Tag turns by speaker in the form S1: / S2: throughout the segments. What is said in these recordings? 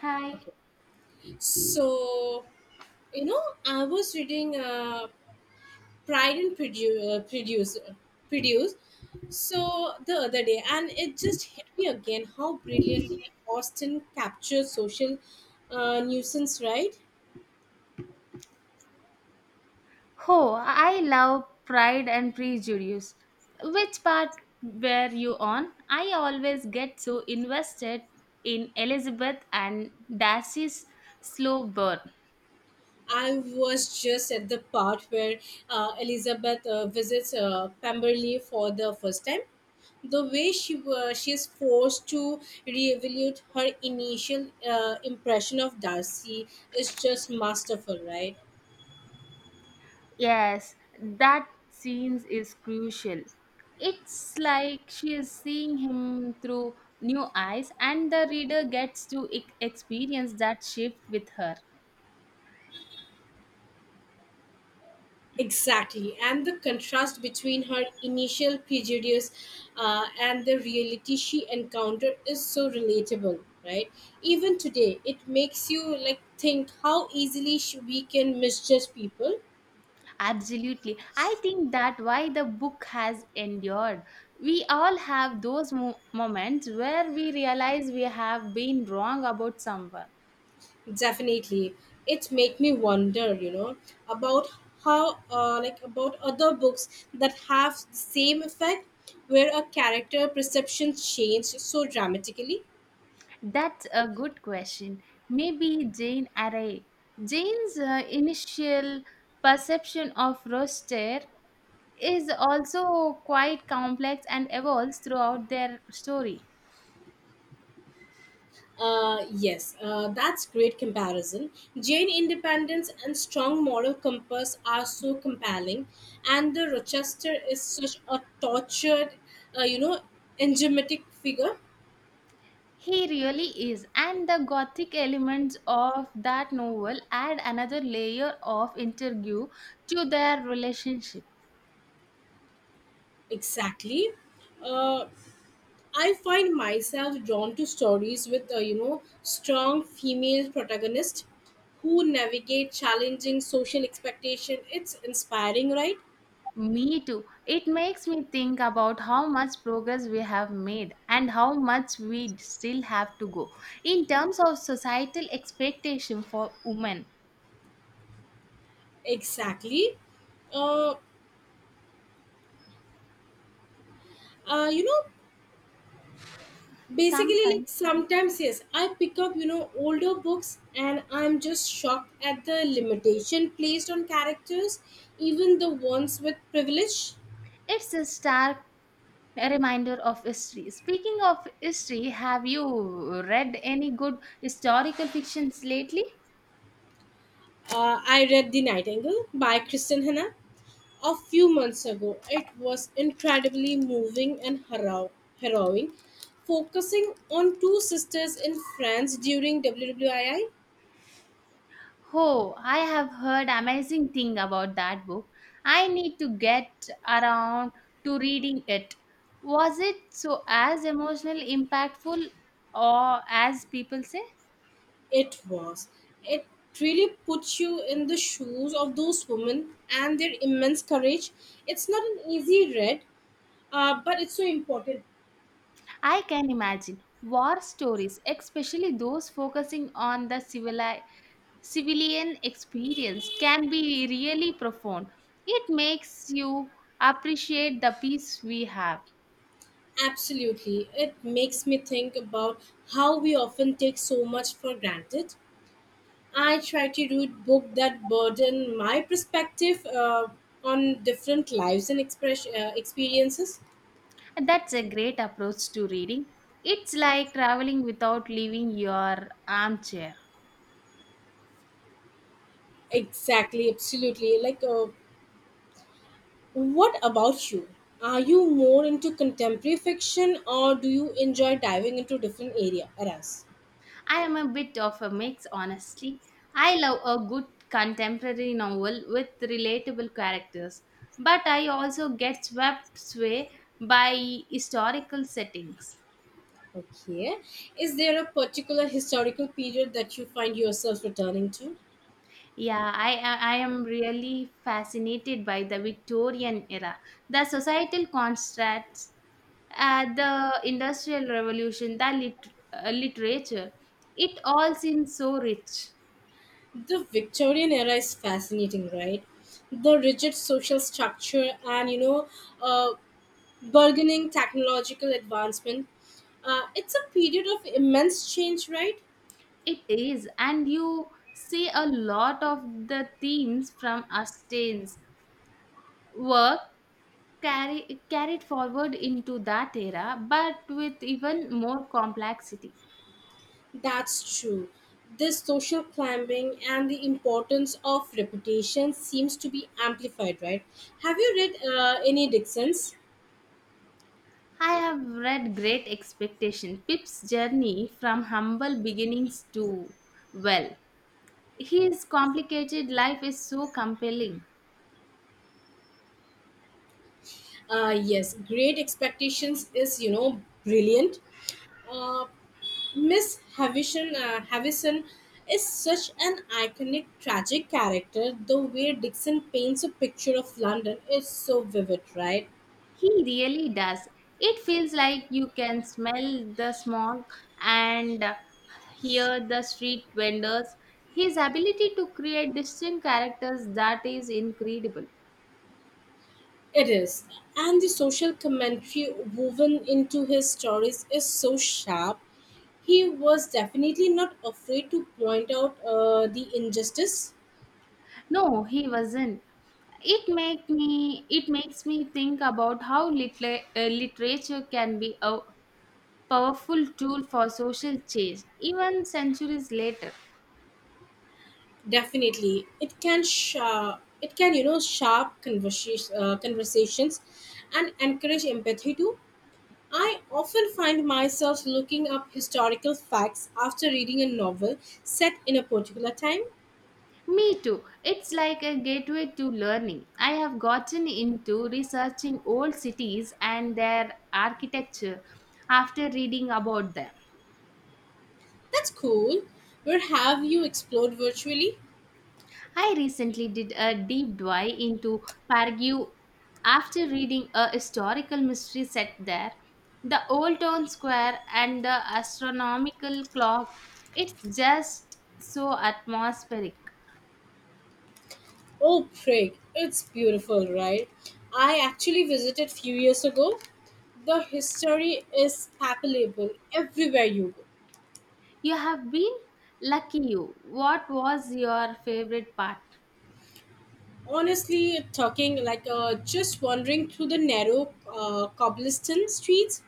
S1: Hi.
S2: So, you know, I was reading Pride and Prejudice, Prejudice, so the other day, and it just hit me again how brilliantly Austen captures social nuisance, right?
S1: Oh, I love Pride and Prejudice. Which part were you on? I always get so invested in Elizabeth and Darcy's slow burn.
S2: I was just at the part where Elizabeth visits Pemberley for the first time. The way she is forced to reevaluate her initial impression of Darcy is just masterful, right?
S1: Yes, that scene is crucial. It's like she is seeing him through new eyes, and the reader gets to experience that shift with her.
S2: Exactly, and the contrast between her initial prejudice and the reality she encountered is so relatable, right? Even today, it makes you like think how easily we can misjudge people.
S1: Absolutely. I think that why the book has endured. We all have those moments where we realize we have been wrong about someone.
S2: Definitely, it make me wonder, about how like about other books that have the same effect, where a character perception changed so dramatically.
S1: That's a good question. Maybe Jane Array. Jane's initial perception of Roster is also quite complex and evolves throughout their story.
S2: Yes, that's great comparison. Jane independence and strong moral compass are so compelling, and the Rochester is such a tortured, uh, you know, enigmatic figure.
S1: He really is, and the gothic elements of that novel add another layer of intrigue to their relationship.
S2: Exactly. Uh, I find myself drawn to stories with a strong female protagonist who navigate challenging social expectation. It's inspiring, right?
S1: Me too. It makes me think about how much progress we have made and how much we still have to go in terms of societal expectation for women.
S2: Exactly. Uh, uh, you know, Basically, like
S1: Sometimes
S2: sometimes yes, I pick up older books and I'm just shocked at the limitation placed on characters, even the ones with privilege.
S1: it's a stark reminder of history. Speaking of history, have you read any good historical fictions lately?
S2: I read The Nightingale by Kristen Hanna a few months ago. It was incredibly moving and harrowing, focusing on two sisters in France during WWII.
S1: Oh, I have heard amazing thing about that book. I need to get around to reading it. Was it so as emotional impactful or as people say?
S2: It was. It really puts you in the shoes of those women and their immense courage. It's not an easy read, but it's so important.
S1: I can imagine war stories, especially those focusing on the civilian experience, can be really profound. It makes you appreciate the peace we have.
S2: Absolutely. It makes me think about how we often take so much for granted. I try to read books that broaden my perspective on different lives and experiences.
S1: That's a great approach to reading. It's like traveling without leaving your armchair.
S2: Exactly, absolutely. Like, what about you? Are you more into contemporary fiction or do you enjoy diving into different eras?
S1: I am a bit of a mix, honestly. I love a good contemporary novel with relatable characters, but I also get swept away by historical settings.
S2: Okay. Is there a particular historical period that you find yourself returning to?
S1: Yeah, I am really fascinated by the Victorian era, the societal constructs, the industrial revolution, the literature. It all seems so rich.
S2: The Victorian era is fascinating, right? The rigid social structure and uh, burgeoning technological advancement. It's a period of immense change, right?
S1: It is, and you see a lot of the themes from Austen's work carried forward into that era, but with even more complexity.
S2: That's true. This social climbing and the importance of reputation seems to be amplified, right? Have you read any Dixon's?
S1: I have read Great Expectation, Pip's journey from humble beginnings to, well, his complicated life is so compelling.
S2: Yes, Great Expectations is, brilliant. Uh, Miss Havisham, Havison is such an iconic tragic character. The way Dixon paints a picture of London is so vivid, right?
S1: He really does. It feels like you can smell the smoke and hear the street vendors. His ability to create distinct characters that is incredible.
S2: It is. And the social commentary woven into his stories is so sharp. He was definitely not afraid to point out the injustice.
S1: No, he wasn't. It makes me think about how literature can be a powerful tool for social change even centuries later.
S2: Definitely, it can sharp. It can sharp conversations, and encourage empathy too. I often find myself looking up historical facts after reading a novel set in a particular time.
S1: Me too. It's like a gateway to learning. I have gotten into researching old cities and their architecture after reading about them.
S2: That's cool. Where have you explored virtually?
S1: I recently did a deep dive into Pargue after reading a historical mystery set there. The old town square and the astronomical clock, it's just so atmospheric.
S2: Oh, Prague. It's beautiful, right? I actually visited few years ago. The history is palpable everywhere you go.
S1: You have been lucky you. What was your favorite part?
S2: Honestly, talking like just wandering through the narrow cobblestone streets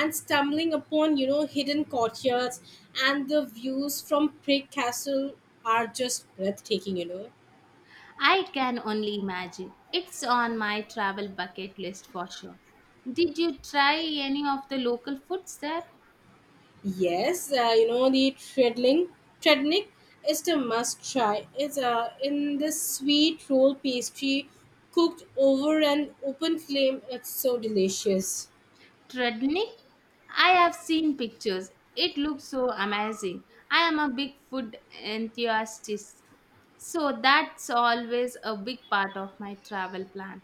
S2: and stumbling upon, hidden courtyards and the views from Prague Castle are just breathtaking.
S1: I can only imagine. It's on my travel bucket list for sure. Did you try any of the local foods there?
S2: Yes, you know the treadling treadnik is a must try. It's in this sweet roll pastry cooked over an open flame. It's so delicious.
S1: Trudnik? I have seen pictures. It looks so amazing. I am a big food enthusiast, so that's always a big part of my travel plan.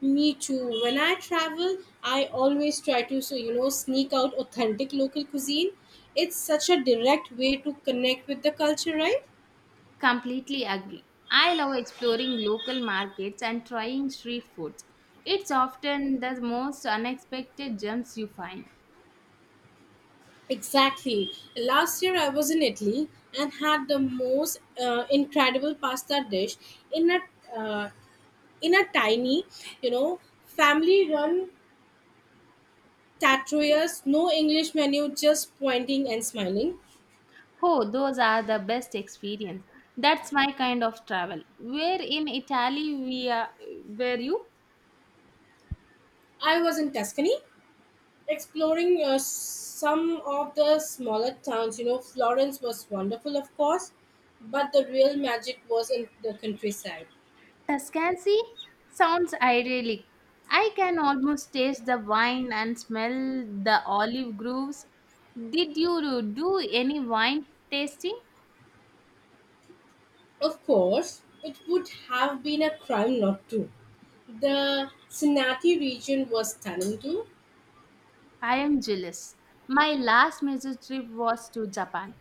S2: Me too. When I travel, I always try to sneak out authentic local cuisine. It's such a direct way to connect with the culture, right?
S1: Completely agree. I love exploring local markets and trying street foods. It's often the most unexpected gems you find.
S2: Exactly. Last year I was in Italy and had the most incredible pasta dish in a uh, tiny, you know, family run tattooers, no English menu, just pointing and smiling.
S1: Oh, those are the best experience. That's my kind of travel. Where in Italy we are, were you?
S2: I was in Tuscany exploring some of the smaller towns. Florence was wonderful, of course, but the real magic was in the countryside.
S1: Tuscany sounds idyllic. I can almost taste the wine and smell the olive groves. Did you do any wine tasting?
S2: Of course, it would have been a crime not to. The Cincinnati region was stunning too.
S1: I am jealous. My last major trip was to Japan,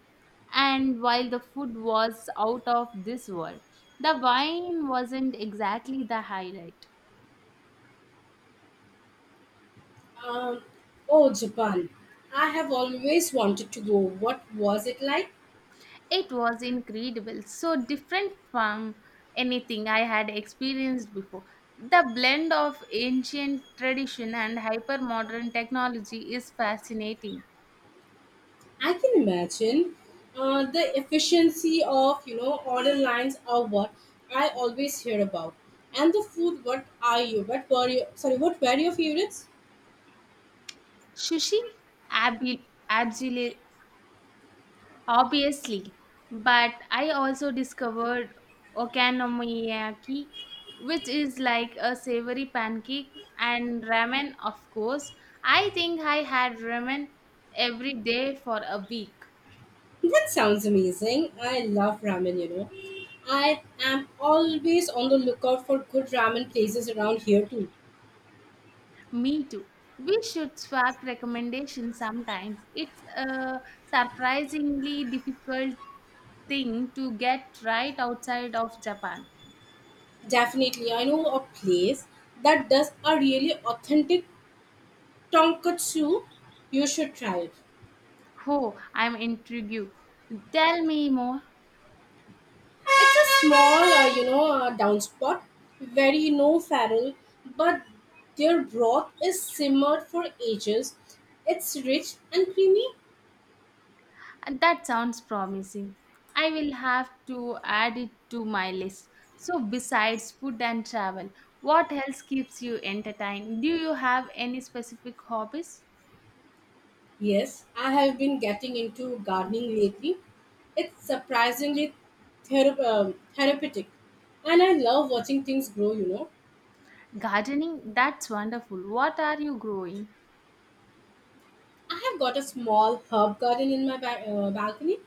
S1: and while the food was out of this world, the wine wasn't exactly the highlight.
S2: Um, oh, Japan. I have always wanted to go. What was it like?
S1: It was incredible, so different from anything I had experienced before. The blend of ancient tradition and hypermodern technology is fascinating.
S2: I can imagine the efficiency of, order lines are what I always hear about. And the food, what are you? What were you? Sorry, what were your favorites?
S1: Sushi, abili- obviously, but I also discovered okonomiyaki, which is like a savory pancake, and ramen, of course. I think I had ramen every day for a week.
S2: That sounds amazing. I love ramen. I am always on the lookout for good ramen places around here too.
S1: Me too. We should swap recommendations sometimes. It's a surprisingly difficult thing to get right outside of Japan.
S2: Definitely, I know a place that does a really authentic tonkatsu. You should try it.
S1: Oh, I'm intrigued. Tell me more.
S2: It's a small down spot, very no farrel, but their broth is simmered for ages. It's rich and creamy.
S1: And that sounds promising. I will have to add it to my list. So, besides food and travel, what else keeps you entertained? Do you have any specific hobbies?
S2: Yes, I have been getting into gardening lately. It's surprisingly therapeutic, and I love watching things grow.
S1: Gardening? That's wonderful. What are you growing?
S2: I have got a small herb garden in my balcony.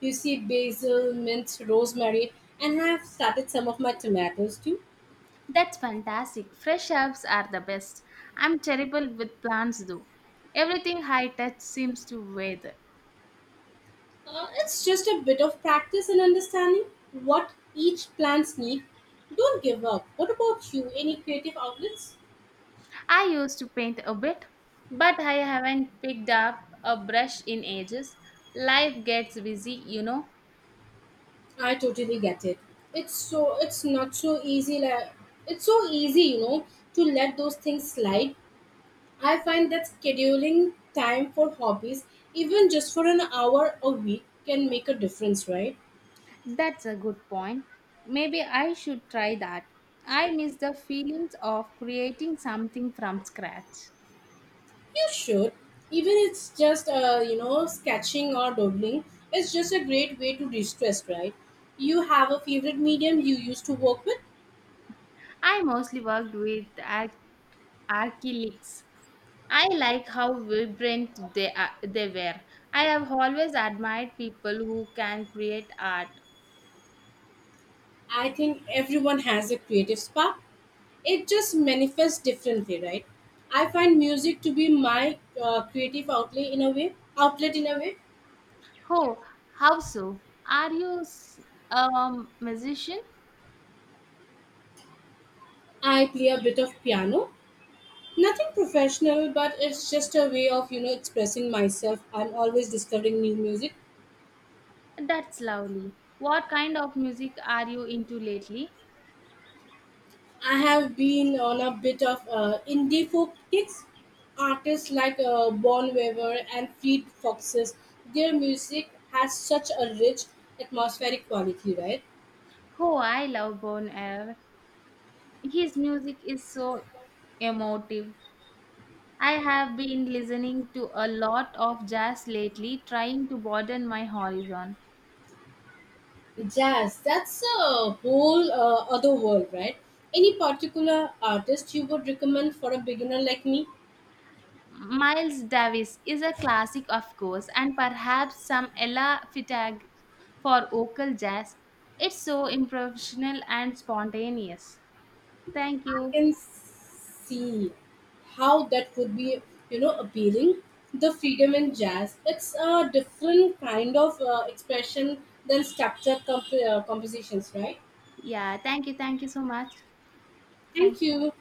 S2: You see basil, mint, rosemary, and I have started some of my tomatoes too.
S1: That's fantastic. Fresh herbs are the best. I'm terrible with plants though. Everything I touch seems to wither.
S2: It's just a bit of practice and understanding what each plants need. Don't give up. What about you? Any creative outlets?
S1: I used to paint a bit, but I haven't picked up a brush in ages. Life gets busy,
S2: I totally get it. It's so, it's not so easy, like it's so easy, to let those things slide. I find that scheduling time for hobbies, even just for an hour a week, can make a difference, right?
S1: That's a good point. Maybe I should try that. I miss the feelings of creating something from scratch.
S2: You should. Even it's just, sketching or doodling, it's just a great way to de-stress, right? You have a favorite medium you used to work with.
S1: I mostly worked with acrylics. I like how vibrant are, they were. I have always admired people who can create art.
S2: I think everyone has a creative spark. It just manifests differently, right? I find music to be my creative outlet in a way.
S1: Oh, how so? Are you a musician?
S2: I play a bit of piano. Nothing professional, but it's just a way of, expressing myself. I'm always discovering new music.
S1: That's lovely. What kind of music are you into lately?
S2: I have been on a bit of indie folk kicks. Artists like Bon Weaver and Fleet Foxes, their music has such a rich atmospheric quality, right?
S1: Oh, I love Bon Air. His music is so emotive. I have been listening to a lot of jazz lately, trying to broaden my horizon.
S2: Jazz, that's a whole other world, right? Any particular artist you would recommend for a beginner like me?
S1: Miles Davis is a classic, of course, and perhaps some Ella Fitzgerald for vocal jazz. It's so improvisational and spontaneous. Thank
S2: I
S1: you.
S2: can see how that could be, appealing. The freedom in jazz, it's a different kind of expression than structured compositions, right?
S1: Yeah, thank you. Thank you so much.
S2: Thank
S1: Thank you.
S2: you.